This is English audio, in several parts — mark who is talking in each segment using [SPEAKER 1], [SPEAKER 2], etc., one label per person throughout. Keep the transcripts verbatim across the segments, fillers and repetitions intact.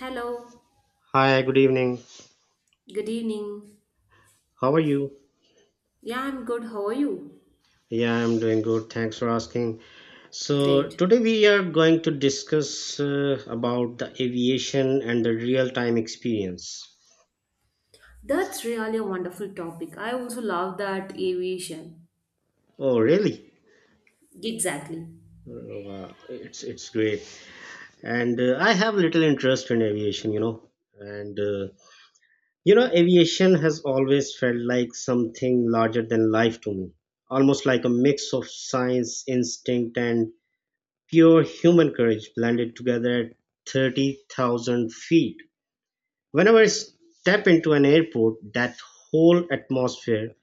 [SPEAKER 1] Hello,
[SPEAKER 2] Hi, good evening.
[SPEAKER 1] good evening.
[SPEAKER 2] How are you?
[SPEAKER 1] Yeah, I'm good. How are you?
[SPEAKER 2] Yeah, I'm doing good. Thanks for asking. So,
[SPEAKER 1] Great.
[SPEAKER 2] today we are going to discuss uh, about the aviation and the real-time experience.
[SPEAKER 1] That's really a wonderful topic. I also love that aviation.
[SPEAKER 2] Oh, really?
[SPEAKER 1] Exactly.
[SPEAKER 2] Oh, wow, it's it's great. And uh, I have little interest in aviation, you know. And uh, you know, Aviation has always felt like something larger than life to me. Almost like a mix of science, instinct, and pure human courage blended together at thirty thousand feet. Whenever I step into an airport, that whole atmosphere,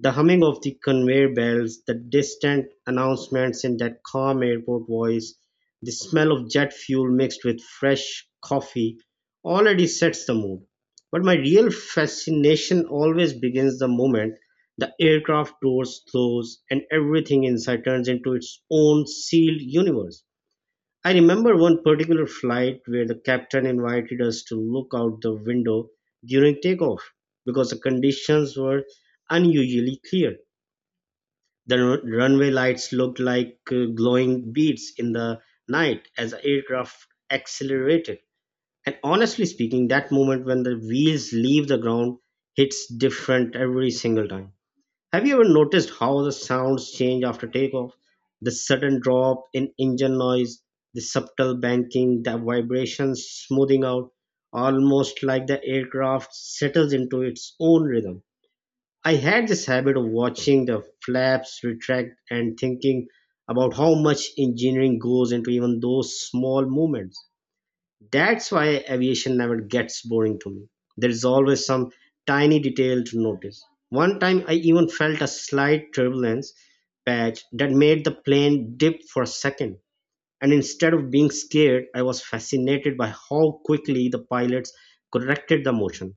[SPEAKER 2] the humming of the conveyor belts, the distant announcements in that calm airport voice, the smell of jet fuel mixed with fresh coffee already sets the mood. But my real fascination always begins the moment the aircraft doors close and everything inside turns into its own sealed universe. I remember one particular flight where the captain invited us to look out the window during takeoff because the conditions were unusually clear. The run- runway lights looked like uh, glowing beads in the night as the aircraft accelerated. And honestly speaking, that moment when the wheels leave the ground hits different every single time. Have you ever noticed how the sounds change after takeoff? The sudden drop in engine noise, the subtle banking, the vibrations smoothing out, almost like the aircraft settles into its own rhythm. I had this habit of watching the flaps retract and thinking about how much engineering goes into even those small movements. That's why aviation never gets boring to me. There is always some tiny detail to notice. One time I even felt a slight turbulence patch that made the plane dip for a second. And instead of being scared, I was fascinated by how quickly the pilots corrected the motion.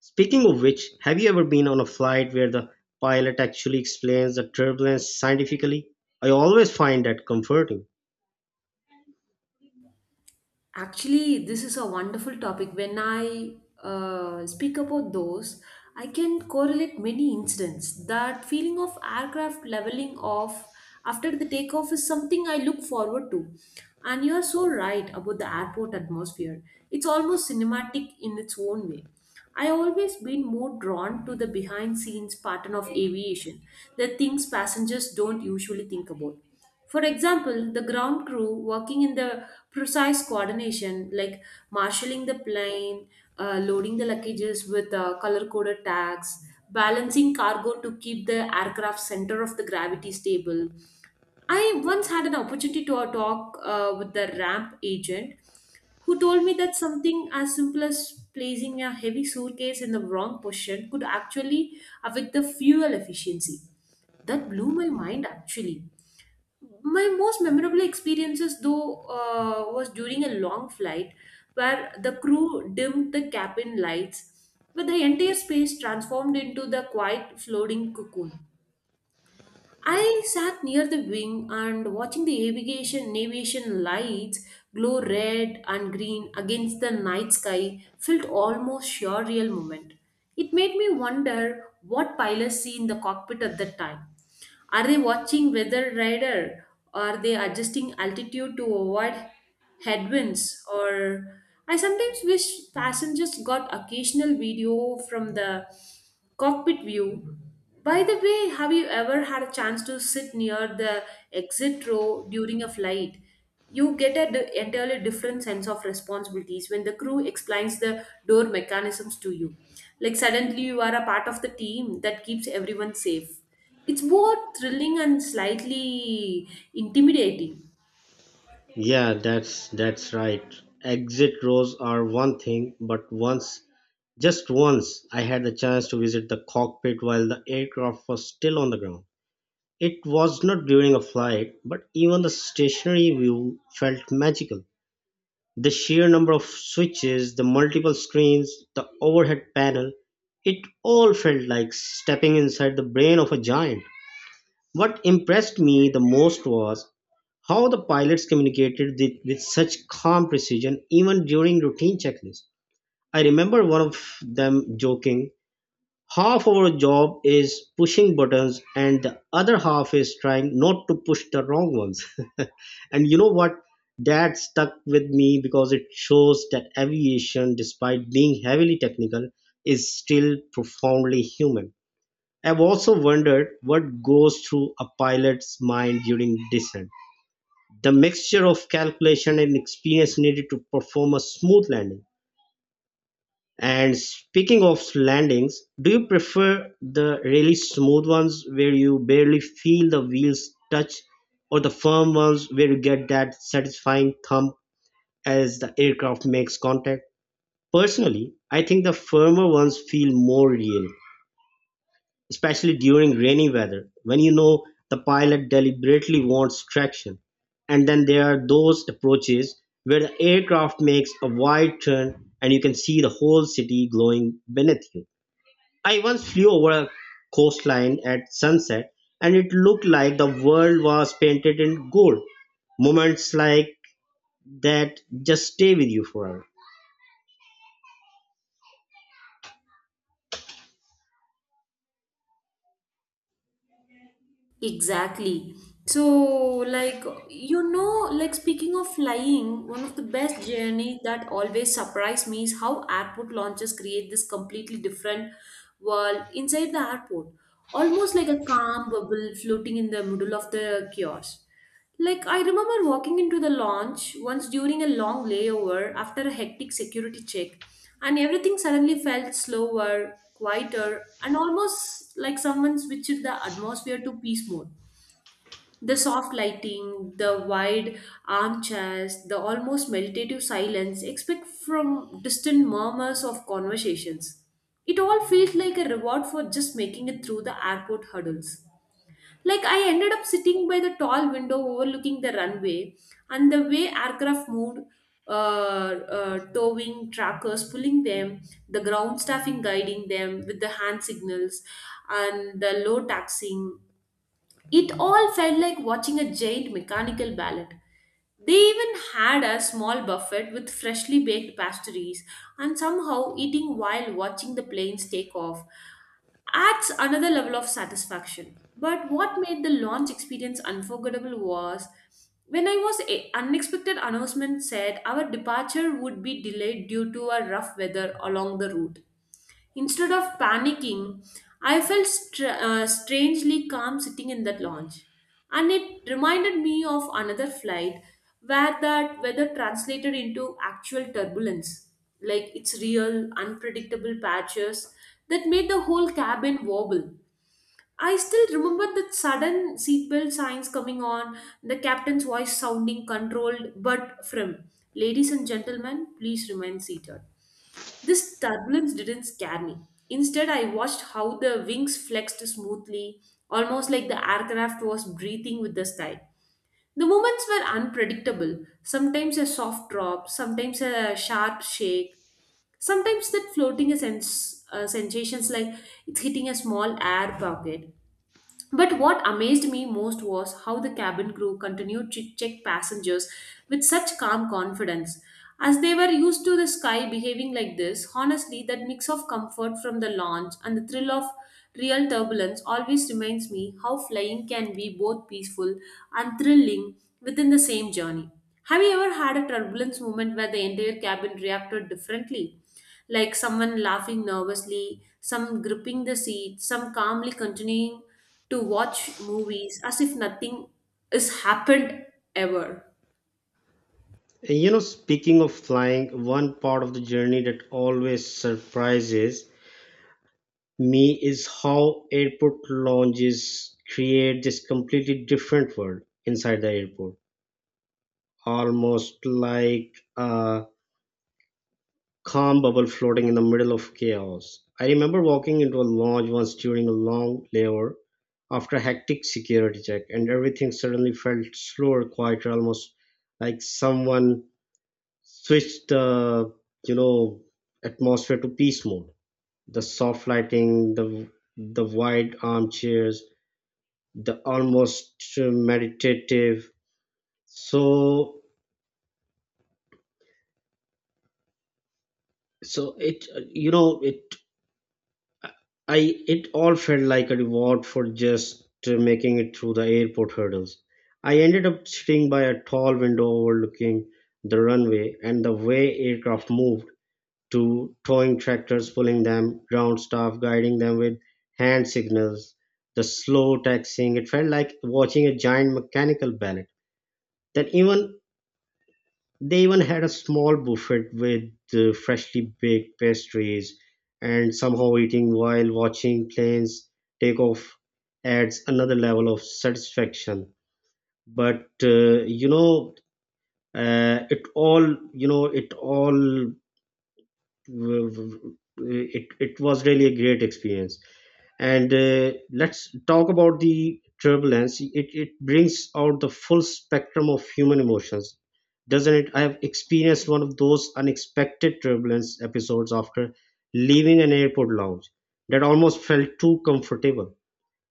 [SPEAKER 2] Speaking of which, have you ever been on a flight where the pilot actually explains the turbulence scientifically? I always find that comforting.
[SPEAKER 1] Actually, this is a wonderful topic. When I uh, speak about those, I can correlate many incidents. That feeling of aircraft leveling off after the takeoff is something I look forward to. And you are so right about the airport atmosphere. It's almost cinematic in its own way. I always been more drawn to the behind scenes pattern of aviation, the things passengers don't usually think about. For example, the ground crew working in the precise coordination, like marshaling the plane, uh, loading the luggages with uh, color coded tags, balancing cargo to keep the aircraft center of the gravity stable. I once had an opportunity to uh, talk uh, with the ramp agent who told me that something as simple as placing a heavy suitcase in the wrong position could actually affect the fuel efficiency. That blew my mind actually. My most memorable experiences though uh, was during a long flight where the crew dimmed the cabin lights, but the entire space transformed into the quiet floating cocoon. I sat near the wing, and watching the aviation navigation lights glow red and green against the night sky felt almost surreal moment. It made me wonder what pilots see in the cockpit at that time. Are they watching weather radar? Are they adjusting altitude to avoid headwinds, or I sometimes wish passengers got occasional video from the cockpit view. By the way, have you ever had a chance to sit near the exit row during a flight? You get an entirely different sense of responsibilities when the crew explains the door mechanisms to you. Like suddenly you are a part of the team that keeps everyone safe. It's both thrilling and slightly intimidating.
[SPEAKER 2] Yeah, that's that's right. Exit rows are one thing, but once, just once, I had the chance to visit the cockpit while the aircraft was still on the ground. It was not during a flight, but even the stationary view felt magical. The sheer number of switches, the multiple screens, the overhead panel, it all felt like stepping inside the brain of a giant. What impressed me the most was how the pilots communicated with, with such calm precision even during routine checklists. I remember one of them joking, half our job is pushing buttons and the other half is trying not to push the wrong ones. And you know what? That stuck with me because it shows that aviation, despite being heavily technical, is still profoundly human. I've also wondered what goes through a pilot's mind during descent. The mixture of calculation and experience needed to perform a smooth landing. And speaking of landings, do you prefer the really smooth ones where you barely feel the wheels touch, or the firm ones where you get that satisfying thump as the aircraft makes contact? Personally, I think the firmer ones feel more real, especially during rainy weather, when you know the pilot deliberately wants traction. And then there are those approaches where the aircraft makes a wide turn and you can see the whole city glowing beneath you. I once flew over a coastline at sunset, and it looked like the world was painted in gold. Moments like that just stay with you forever.
[SPEAKER 1] Exactly. So, like, you know, like speaking of flying, one of the best journey that always surprised me is how airport launches create this completely different world inside the airport, almost like a calm bubble floating in the middle of the chaos. Like, I remember walking into the lounge once during a long layover after a hectic security check, and everything suddenly felt slower, quieter, and almost like someone switched the atmosphere to peace mode. The soft lighting, the wide armchairs, the almost meditative silence expect from distant murmurs of conversations. It all felt like a reward for just making it through the airport hurdles. Like I ended up sitting by the tall window overlooking the runway, and the way aircraft moved, uh, uh, towing trackers pulling them, the ground staffing guiding them with the hand signals and the low taxing. It all felt like watching a giant mechanical ballet. They even had a small buffet with freshly baked pastries, and somehow eating while watching the planes take off adds another level of satisfaction. But what made the launch experience unforgettable was when I was a unexpected announcement said our departure would be delayed due to a rough weather along the route. Instead of panicking, I felt str- uh, strangely calm sitting in that lounge, and it reminded me of another flight where that weather translated into actual turbulence, like its real unpredictable patches that made the whole cabin wobble. I still remember the sudden seatbelt signs coming on, the captain's voice sounding controlled but firm. Ladies and gentlemen, please remain seated. This turbulence didn't scare me. Instead, I watched how the wings flexed smoothly, almost like the aircraft was breathing with the sky. The moments were unpredictable, sometimes a soft drop, sometimes a sharp shake, sometimes that floating a sense, uh, sensations like it's hitting a small air pocket. But what amazed me most was how the cabin crew continued to check passengers with such calm confidence, as they were used to the sky behaving like this. Honestly, that mix of comfort from the launch and the thrill of real turbulence always reminds me how flying can be both peaceful and thrilling within the same journey. Have you ever had a turbulence moment where the entire cabin reacted differently? Like someone laughing nervously, some gripping the seat, some calmly continuing to watch movies as if nothing has happened ever.
[SPEAKER 2] You know, speaking of flying, one part of the journey that always surprises me is how airport lounges create this completely different world inside the airport, almost like a calm bubble floating in the middle of chaos. I remember walking into a lounge once during a long layover after a hectic security check, and everything suddenly felt slower, quieter, almost like someone switched the you know atmosphere to peace mode. The soft lighting, the the wide armchairs, the almost uh, meditative so so it uh, you know it I it all felt like a reward for just uh, making it through the airport hurdles. I ended up sitting by a tall window overlooking the runway, and the way aircraft moved, to towing tractors pulling them, ground staff guiding them with hand signals, the slow taxiing, it felt like watching a giant mechanical ballet. That even They even had a small buffet with uh, freshly baked pastries, and somehow eating while watching planes take off adds another level of satisfaction. But uh, you know, uh, it all you know, it all w- w- it, it was really a great experience. And uh, let's talk about the turbulence. It, it brings out the full spectrum of human emotions, doesn't it? I have experienced one of those unexpected turbulence episodes after leaving an airport lounge that almost felt too comfortable.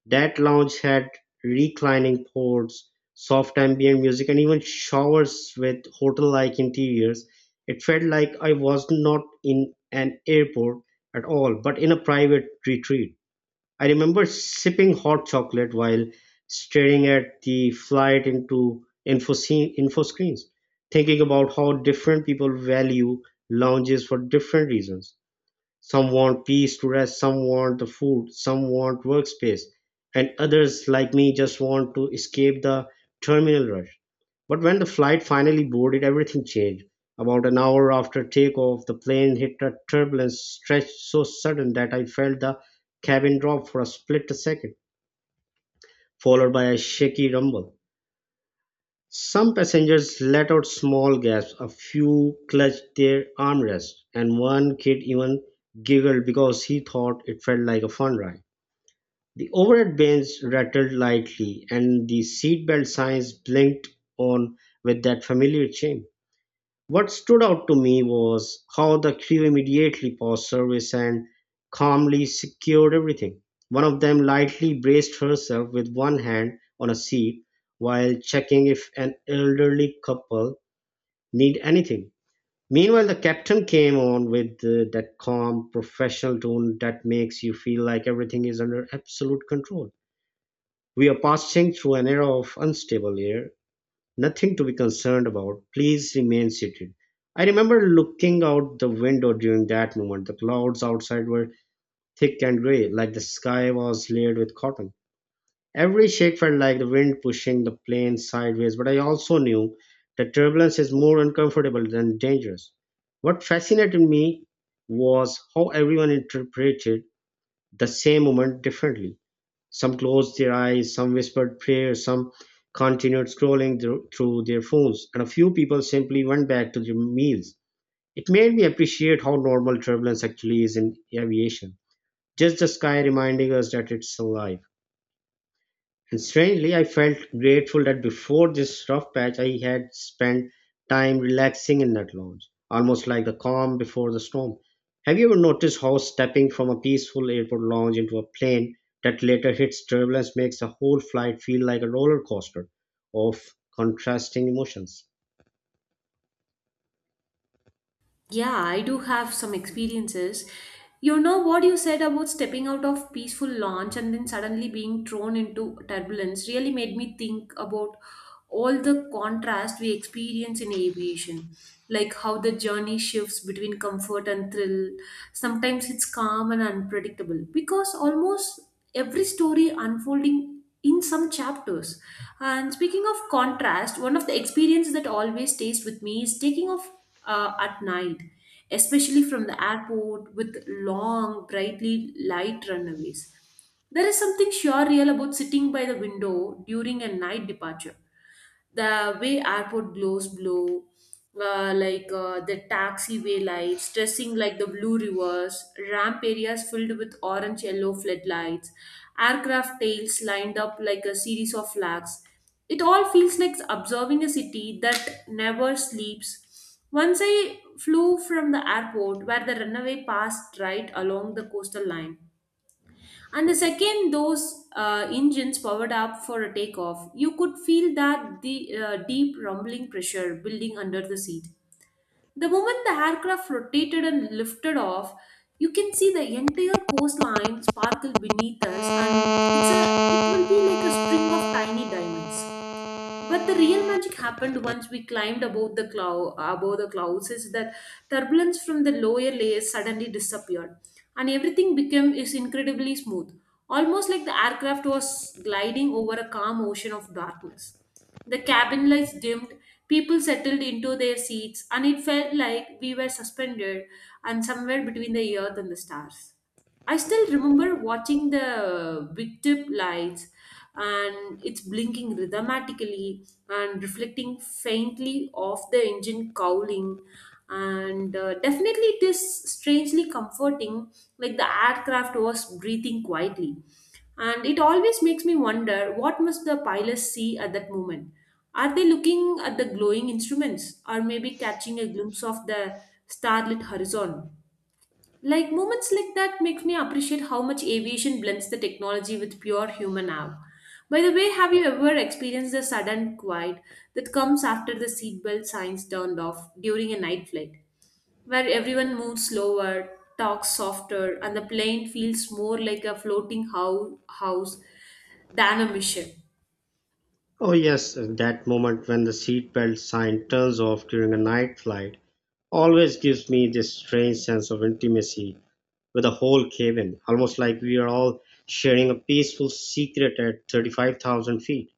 [SPEAKER 2] That lounge had reclining ports, soft ambient music, and even showers with hotel-like interiors. It felt like I was not in an airport at all, but in a private retreat. I remember sipping hot chocolate while staring at the flight into info, scene, info screens, thinking about how different people value lounges for different reasons. Some want peace to rest, some want the food, some want workspace, and others, like me, just want to escape the terminal rush. But when the flight finally boarded, everything changed. About an hour after takeoff, the plane hit a turbulence stretch so sudden that I felt the cabin drop for a split second, followed by a shaky rumble. Some passengers let out small gasps, a few clutched their armrests, and one kid even giggled because he thought it felt like a fun ride. The overhead bins rattled lightly, and the seatbelt signs blinked on with that familiar chime. What stood out to me was how the crew immediately paused service and calmly secured everything. One of them lightly braced herself with one hand on a seat while checking if an elderly couple need anything. Meanwhile, the captain came on with uh, that calm, professional tone that makes you feel like everything is under absolute control. We are passing through an era of unstable air. Nothing to be concerned about. Please remain seated. I remember looking out the window during that moment. The clouds outside were thick and grey, like the sky was layered with cotton. Every shake felt like the wind pushing the plane sideways, but I also knew that turbulence is more uncomfortable than dangerous. What fascinated me was how everyone interpreted the same moment differently. Some closed their eyes, some whispered prayers, some continued scrolling thro- through their phones, and a few people simply went back to their meals. It made me appreciate how normal turbulence actually is in aviation. Just the sky reminding us that it's alive. And strangely, I felt grateful that before this rough patch, I had spent time relaxing in that lounge, almost like the calm before the storm. Have you ever noticed how stepping from a peaceful airport lounge into a plane that later hits turbulence makes the whole flight feel like a roller coaster of contrasting emotions?
[SPEAKER 1] Yeah, I do have some experiences. You know what you said about stepping out of peaceful launch and then suddenly being thrown into turbulence really made me think about all the contrast we experience in aviation, like how the journey shifts between comfort and thrill. Sometimes it's calm and unpredictable because almost every story unfolding in some chapters. And speaking of contrast, one of the experiences that always stays with me is taking off uh, at night, especially from the airport with long, brightly light runaways. There is something surreal about sitting by the window during a night departure, the way airport glows blue, uh, like uh, the taxiway lights, dressing like the blue rivers, ramp areas filled with orange yellow floodlights, aircraft tails lined up like a series of flags. It all feels like observing a city that never sleeps. Once I flew from the airport where the runway passed right along the coastal line. And the second those uh, engines powered up for a takeoff, you could feel that the uh, deep rumbling pressure building under the seat. The moment the aircraft rotated and lifted off, you can see the entire coastline sparkle beneath us, and it's a it will be like a string of tiny diamonds. But the real magic happened once we climbed above the cloud above the clouds is that turbulence from the lower layers suddenly disappeared, and everything became is incredibly smooth, almost like the aircraft was gliding over a calm ocean of darkness. The cabin lights dimmed, people settled into their seats, and it felt like we were suspended and somewhere between the earth and the stars. I still remember watching the victip lights and it's blinking rhythmatically and reflecting faintly off the engine cowling. And uh, definitely, it is strangely comforting, like the aircraft was breathing quietly. And it always makes me wonder what must the pilots see at that moment? Are they looking at the glowing instruments or maybe catching a glimpse of the starlit horizon? Like moments like that makes me appreciate how much aviation blends the technology with pure human awe. By the way, have you ever experienced the sudden quiet that comes after the seatbelt signs turned off during a night flight, where everyone moves slower, talks softer, and the plane feels more like a floating hou- house than a mission?
[SPEAKER 2] Oh, yes, that moment when the seatbelt sign turns off during a night flight always gives me this strange sense of intimacy with a whole cave in, almost like we are all sharing a peaceful secret at thirty-five thousand feet.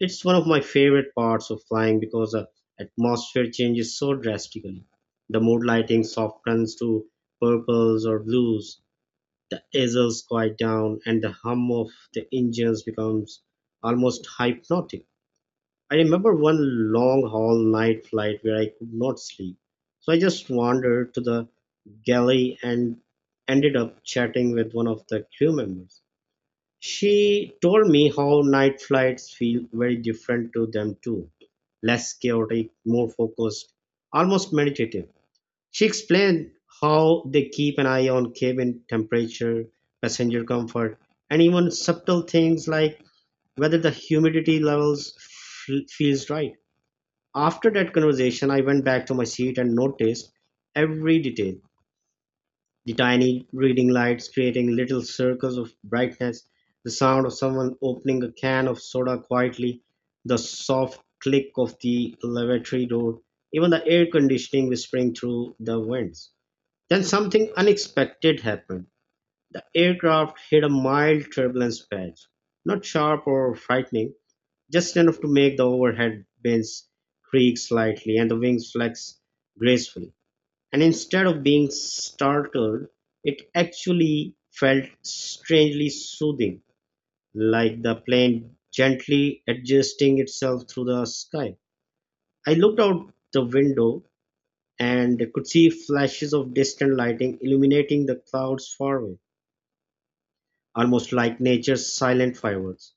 [SPEAKER 2] It's one of my favorite parts of flying because the atmosphere changes so drastically. The mood lighting softens to purples or blues, the aisles quiet down, and the hum of the engines becomes almost hypnotic. I remember one long haul night flight where I could not sleep. So I just wandered to the galley and ended up chatting with one of the crew members. She told me how night flights feel very different to them too. Less chaotic, more focused, almost meditative. She explained how they keep an eye on cabin temperature, passenger comfort, and even subtle things like whether the humidity levels f- feels right. After that conversation, I went back to my seat and noticed every detail, the tiny reading lights creating little circles of brightness, the sound of someone opening a can of soda quietly, the soft click of the lavatory door, even the air conditioning whispering through the winds. Then something unexpected happened. The aircraft hit a mild turbulence patch, not sharp or frightening, just enough to make the overhead bins creak slightly and the wings flex gracefully. And instead of being startled, it actually felt strangely soothing, like the plane gently adjusting itself through the sky. I looked out the window and could see flashes of distant lighting illuminating the clouds far away, almost like nature's silent fireworks.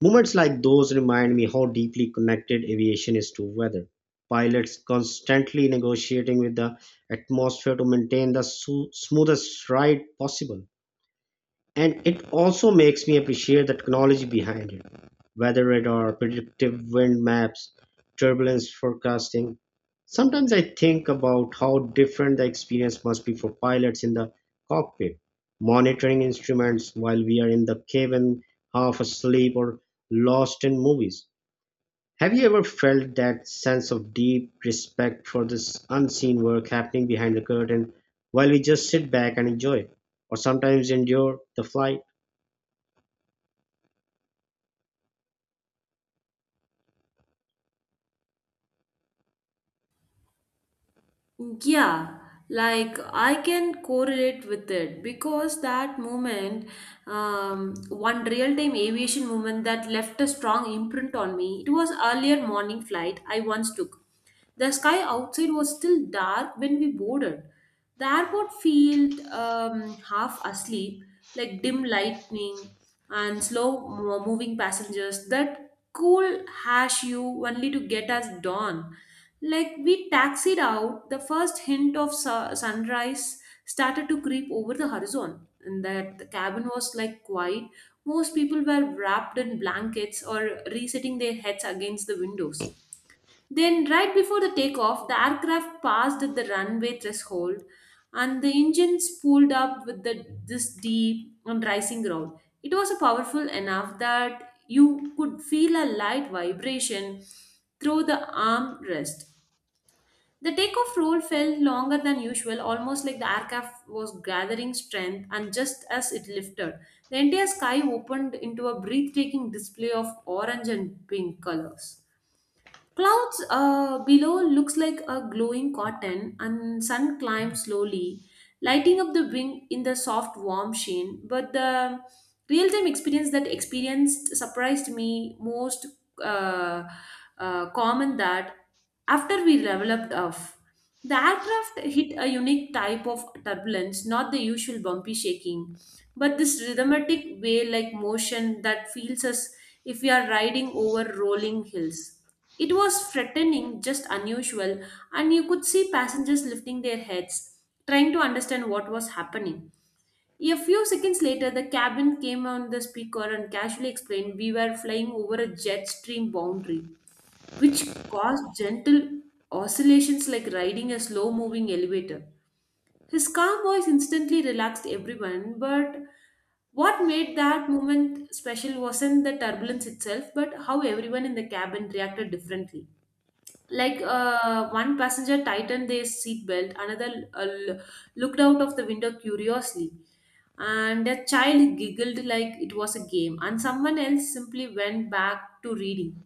[SPEAKER 2] Moments like those remind me how deeply connected aviation is to weather. Pilots constantly negotiating with the atmosphere to maintain the su- smoothest ride possible, and it also makes me appreciate the technology behind it: weather radar, predictive wind maps, turbulence forecasting. Sometimes I think about how different the experience must be for pilots in the cockpit, monitoring instruments while we are in the cabin, half asleep or lost in movies. Have you ever felt that sense of deep respect for this unseen work happening behind the curtain while we just sit back and enjoy, or sometimes endure, the flight?
[SPEAKER 1] Yeah, like I can correlate with it because that moment, um, one real time aviation moment that left a strong imprint on me, it was earlier morning flight I once took. The sky outside was still dark when we boarded. The airport felt um, half asleep, like dim lightning and slow mo- moving passengers that cool hash you only to get us dawn. Like we taxied out, the first hint of su- sunrise started to creep over the horizon, and that the cabin was like quiet. Most people were wrapped in blankets or resetting their heads against the windows. Then, right before the takeoff, the aircraft passed the runway threshold, and the engines pulled up with the, this deep and rising growl. It was powerful enough that you could feel a light vibration through the armrest. The takeoff roll felt longer than usual, almost like the aircraft was gathering strength, and just as it lifted, the entire sky opened into a breathtaking display of orange and pink colors. Clouds uh, below looks like a glowing cotton, and sun climbs slowly, lighting up the wing in the soft, warm sheen. But the real-time experience that experienced surprised me most. Uh, uh, Common that after we developed off, the aircraft hit a unique type of turbulence, not the usual bumpy shaking but this rhythmic way like motion that feels as if we are riding over rolling hills. It was threatening, just unusual, and you could see passengers lifting their heads, trying to understand what was happening. A few seconds later, the cabin came on the speaker and casually explained we were flying over a jet stream boundary, which caused gentle oscillations like riding a slow moving elevator. His calm voice instantly relaxed everyone, but what made that moment special wasn't the turbulence itself, but how everyone in the cabin reacted differently. Like uh, one passenger tightened their seatbelt, another uh, l- looked out of the window curiously, and a child giggled like it was a game, and someone else simply went back to reading.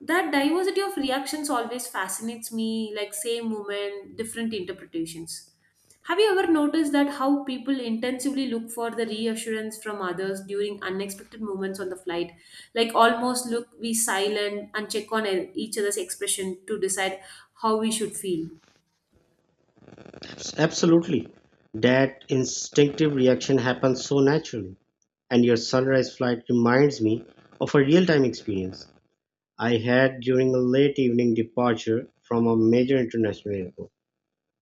[SPEAKER 1] That diversity of reactions always fascinates me, like same moment, different interpretations. Have you ever noticed that how people intensively look for the reassurance from others during unexpected moments on the flight? Like almost look, we silent and check on e- each other's expression to decide how we should feel.
[SPEAKER 2] Absolutely. That instinctive reaction happens so naturally. And your sunrise flight reminds me of a real time experience I had during a late evening departure from a major international airport.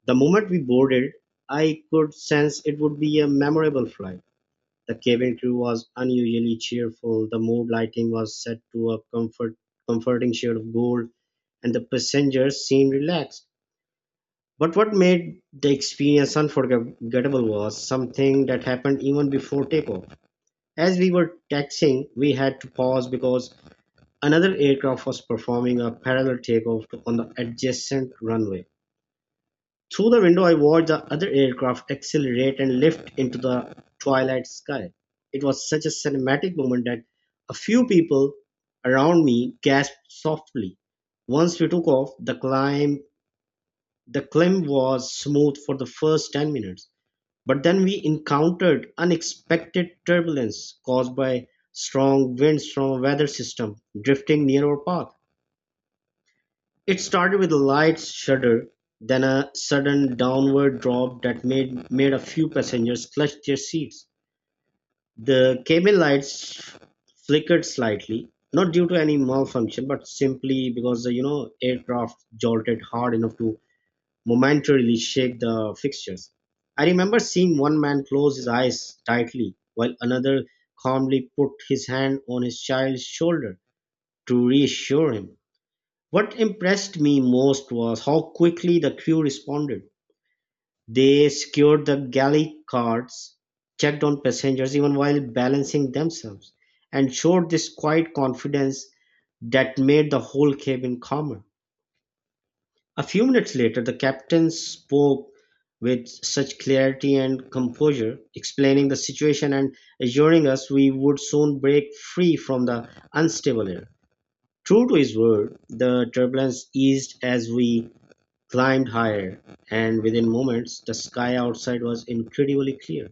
[SPEAKER 2] The moment we boarded, I could sense it would be a memorable flight. The cabin crew was unusually cheerful, the mood lighting was set to a comfort, comforting shade of gold, and the passengers seemed relaxed. But what made the experience unforgettable was something that happened even before takeoff. As we were taxiing, we had to pause because another aircraft was performing a parallel takeoff on the adjacent runway. Through the window, I watched the other aircraft accelerate and lift into the twilight sky. It was such a cinematic moment that a few people around me gasped softly. Once we took off, the climb the climb was smooth for the first ten minutes. But then we encountered unexpected turbulence caused by strong winds from a weather system drifting near our path. It started with a light shudder, then a sudden downward drop that made, made a few passengers clutch their seats. The cabin lights flickered slightly, not due to any malfunction, but simply because the you know aircraft jolted hard enough to momentarily shake the fixtures. I remember seeing one man close his eyes tightly while another calmly put his hand on his child's shoulder to reassure him. What impressed me most was how quickly the crew responded. They secured the galley cards, checked on passengers even while balancing themselves, and showed this quiet confidence that made the whole cabin calmer. A few minutes later the captain spoke with such clarity and composure, explaining the situation and assuring us we would soon break free from the unstable air. True to his word, the turbulence eased as we climbed higher, and within moments the sky outside was incredibly clear.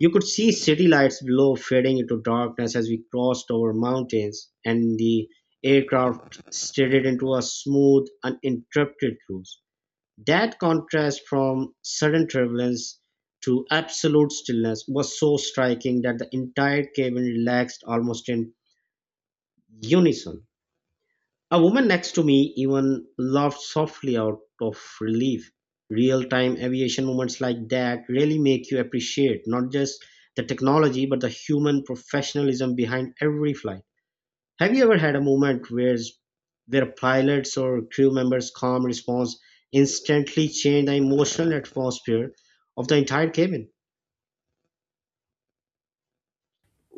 [SPEAKER 2] You could see city lights below fading into darkness as we crossed over mountains, and the aircraft steadied into a smooth, uninterrupted cruise. That contrast from sudden turbulence to absolute stillness was so striking that the entire cabin relaxed almost in unison. A woman next to me even laughed softly out of relief. Real time aviation moments like that really make you appreciate not just the technology but the human professionalism behind every flight. Have you ever had a moment where where pilots or crew members' calm response instantly changed the emotional atmosphere of the entire cabin?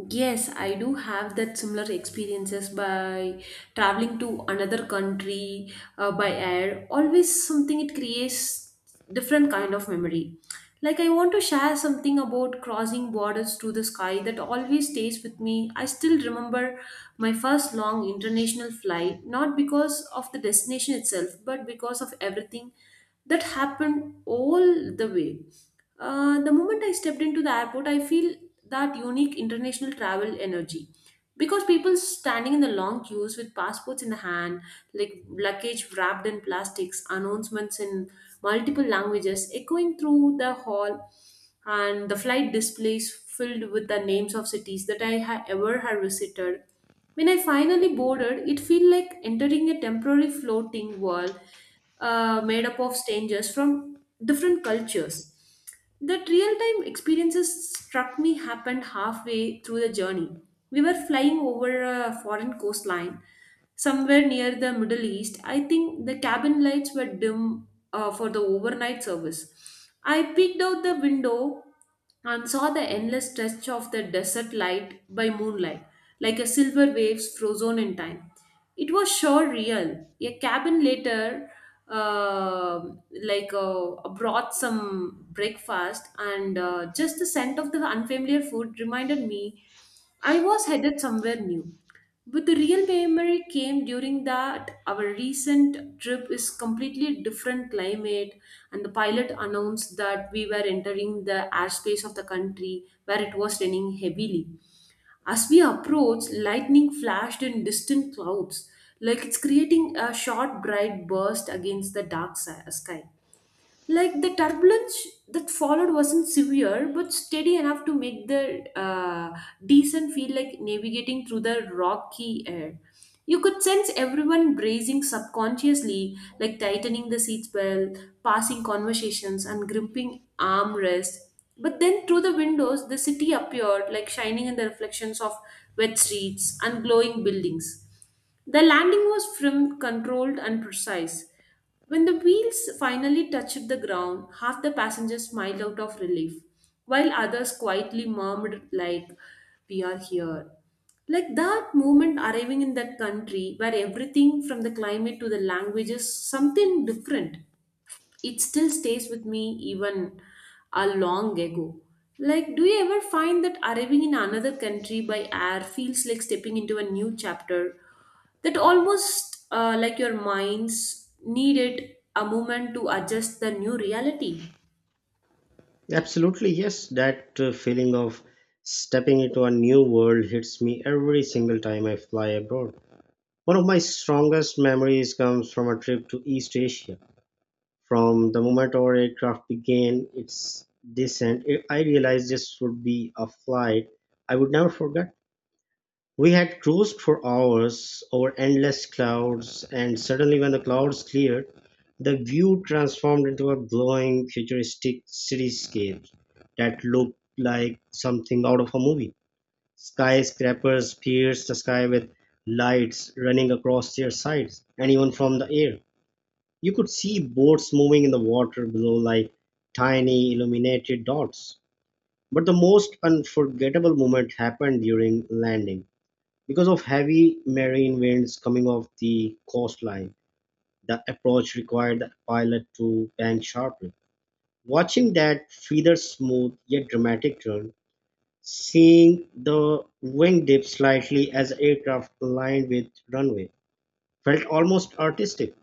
[SPEAKER 1] Yes, I do have that similar experiences by traveling to another country uh, by air. Always something it creates different kind of memory. Like I want to share something about crossing borders to the sky that always stays with me. I still remember my first long international flight, not because of the destination itself, but because of everything that happened all the way. Uh, the moment I stepped into the airport, I feel that unique international travel energy because people standing in the long queues with passports in the hand, like luggage wrapped in plastics, announcements in multiple languages echoing through the hall, and the flight displays filled with the names of cities that I ha- ever had visited. When I finally boarded, it felt like entering a temporary floating world uh, made up of strangers from different cultures. That real time experiences struck me happened halfway through the journey. We were flying over a foreign coastline somewhere near the Middle East. I think the cabin lights were dim uh, for the overnight service. I peeked out the window and saw the endless stretch of the desert light by moonlight, like a silver waves frozen in time. It was sure real. A cabin later, um like uh, brought some breakfast, and uh, just the scent of the unfamiliar food reminded me I was headed somewhere new. But the real memory came during that our recent trip is completely different climate, and the pilot announced that we were entering the airspace of the country where it was raining heavily. As we approached, lightning flashed in distant clouds, like it's creating a short bright burst against the dark si- sky. Like the turbulence that followed wasn't severe, but steady enough to make the uh, descent feel like navigating through the rocky air. You could sense everyone bracing subconsciously, like tightening the seatbelt, passing conversations, and gripping armrests. But then through the windows, the city appeared, like shining in the reflections of wet streets and glowing buildings. The landing was trim, controlled, and precise. When the wheels finally touched the ground, half the passengers smiled out of relief, while others quietly murmured, like, we are here. Like that moment arriving in that country where everything from the climate to the language is something different, it still stays with me even a long ago. Like, do you ever find that arriving in another country by air feels like stepping into a new chapter? That almost uh, like your minds needed a moment to adjust the new reality.
[SPEAKER 2] Absolutely, yes. That uh, feeling of stepping into a new world hits me every single time I fly abroad. One of my strongest memories comes from a trip to East Asia. From the moment our aircraft began its descent, I realized this would be a flight I would never forget. We had cruised for hours over endless clouds, and suddenly, when the clouds cleared, the view transformed into a glowing, futuristic cityscape that looked like something out of a movie. Skyscrapers pierced the sky with lights running across their sides, and even from the air, you could see boats moving in the water below like tiny illuminated dots. But the most unforgettable moment happened during landing. Because of heavy marine winds coming off the coastline, the approach required the pilot to bank sharply. Watching that feather smooth yet dramatic turn, seeing the wing dip slightly as aircraft aligned with runway, felt almost artistic.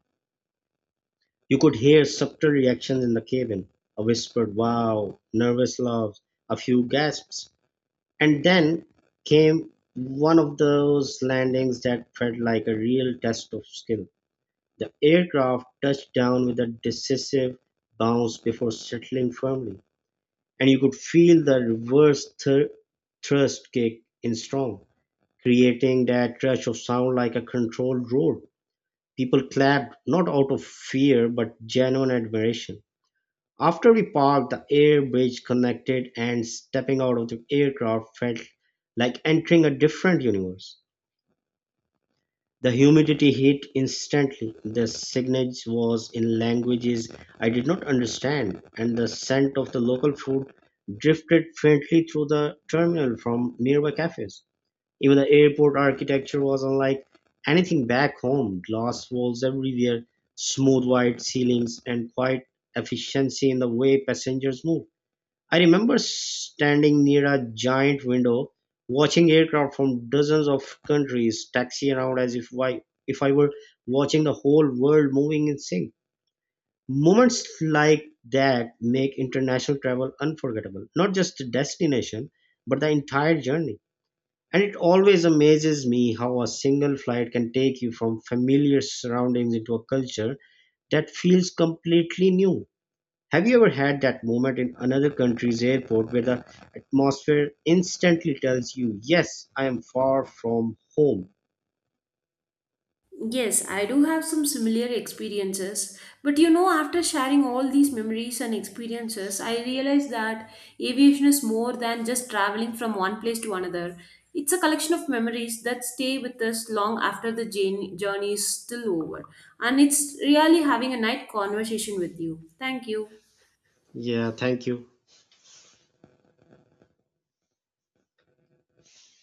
[SPEAKER 2] You could hear subtle reactions in the cabin, a whispered wow, nervous laughs, a few gasps. And then came one of those landings that felt like a real test of skill. The aircraft touched down with a decisive bounce before settling firmly, and you could feel the reverse thr- thrust kick in strong, creating that rush of sound like a controlled roar. People clapped, not out of fear but genuine admiration. After we parked, the air bridge connected, and stepping out of the aircraft felt like entering a different universe. The humidity hit instantly. The signage was in languages I did not understand, and the scent of the local food drifted faintly through the terminal from nearby cafes. Even the airport architecture was unlike anything back home: glass walls everywhere, smooth white ceilings, and quiet efficiency in the way passengers move. I remember standing near a giant window, watching aircraft from dozens of countries taxi around as if I, if I were watching the whole world moving in sync. Moments like that make international travel unforgettable, not just the destination, but the entire journey. And it always amazes me how a single flight can take you from familiar surroundings into a culture that feels completely new. Have you ever had that moment in another country's airport where the atmosphere instantly tells you, yes, I am far from home?
[SPEAKER 1] Yes, I do have some similar experiences, but you know, after sharing all these memories and experiences, I realized that aviation is more than just traveling from one place to another. It's a collection of memories that stay with us long after the journey journey is still over. And it's really having a nice conversation with you. Thank you.
[SPEAKER 2] Yeah, thank you.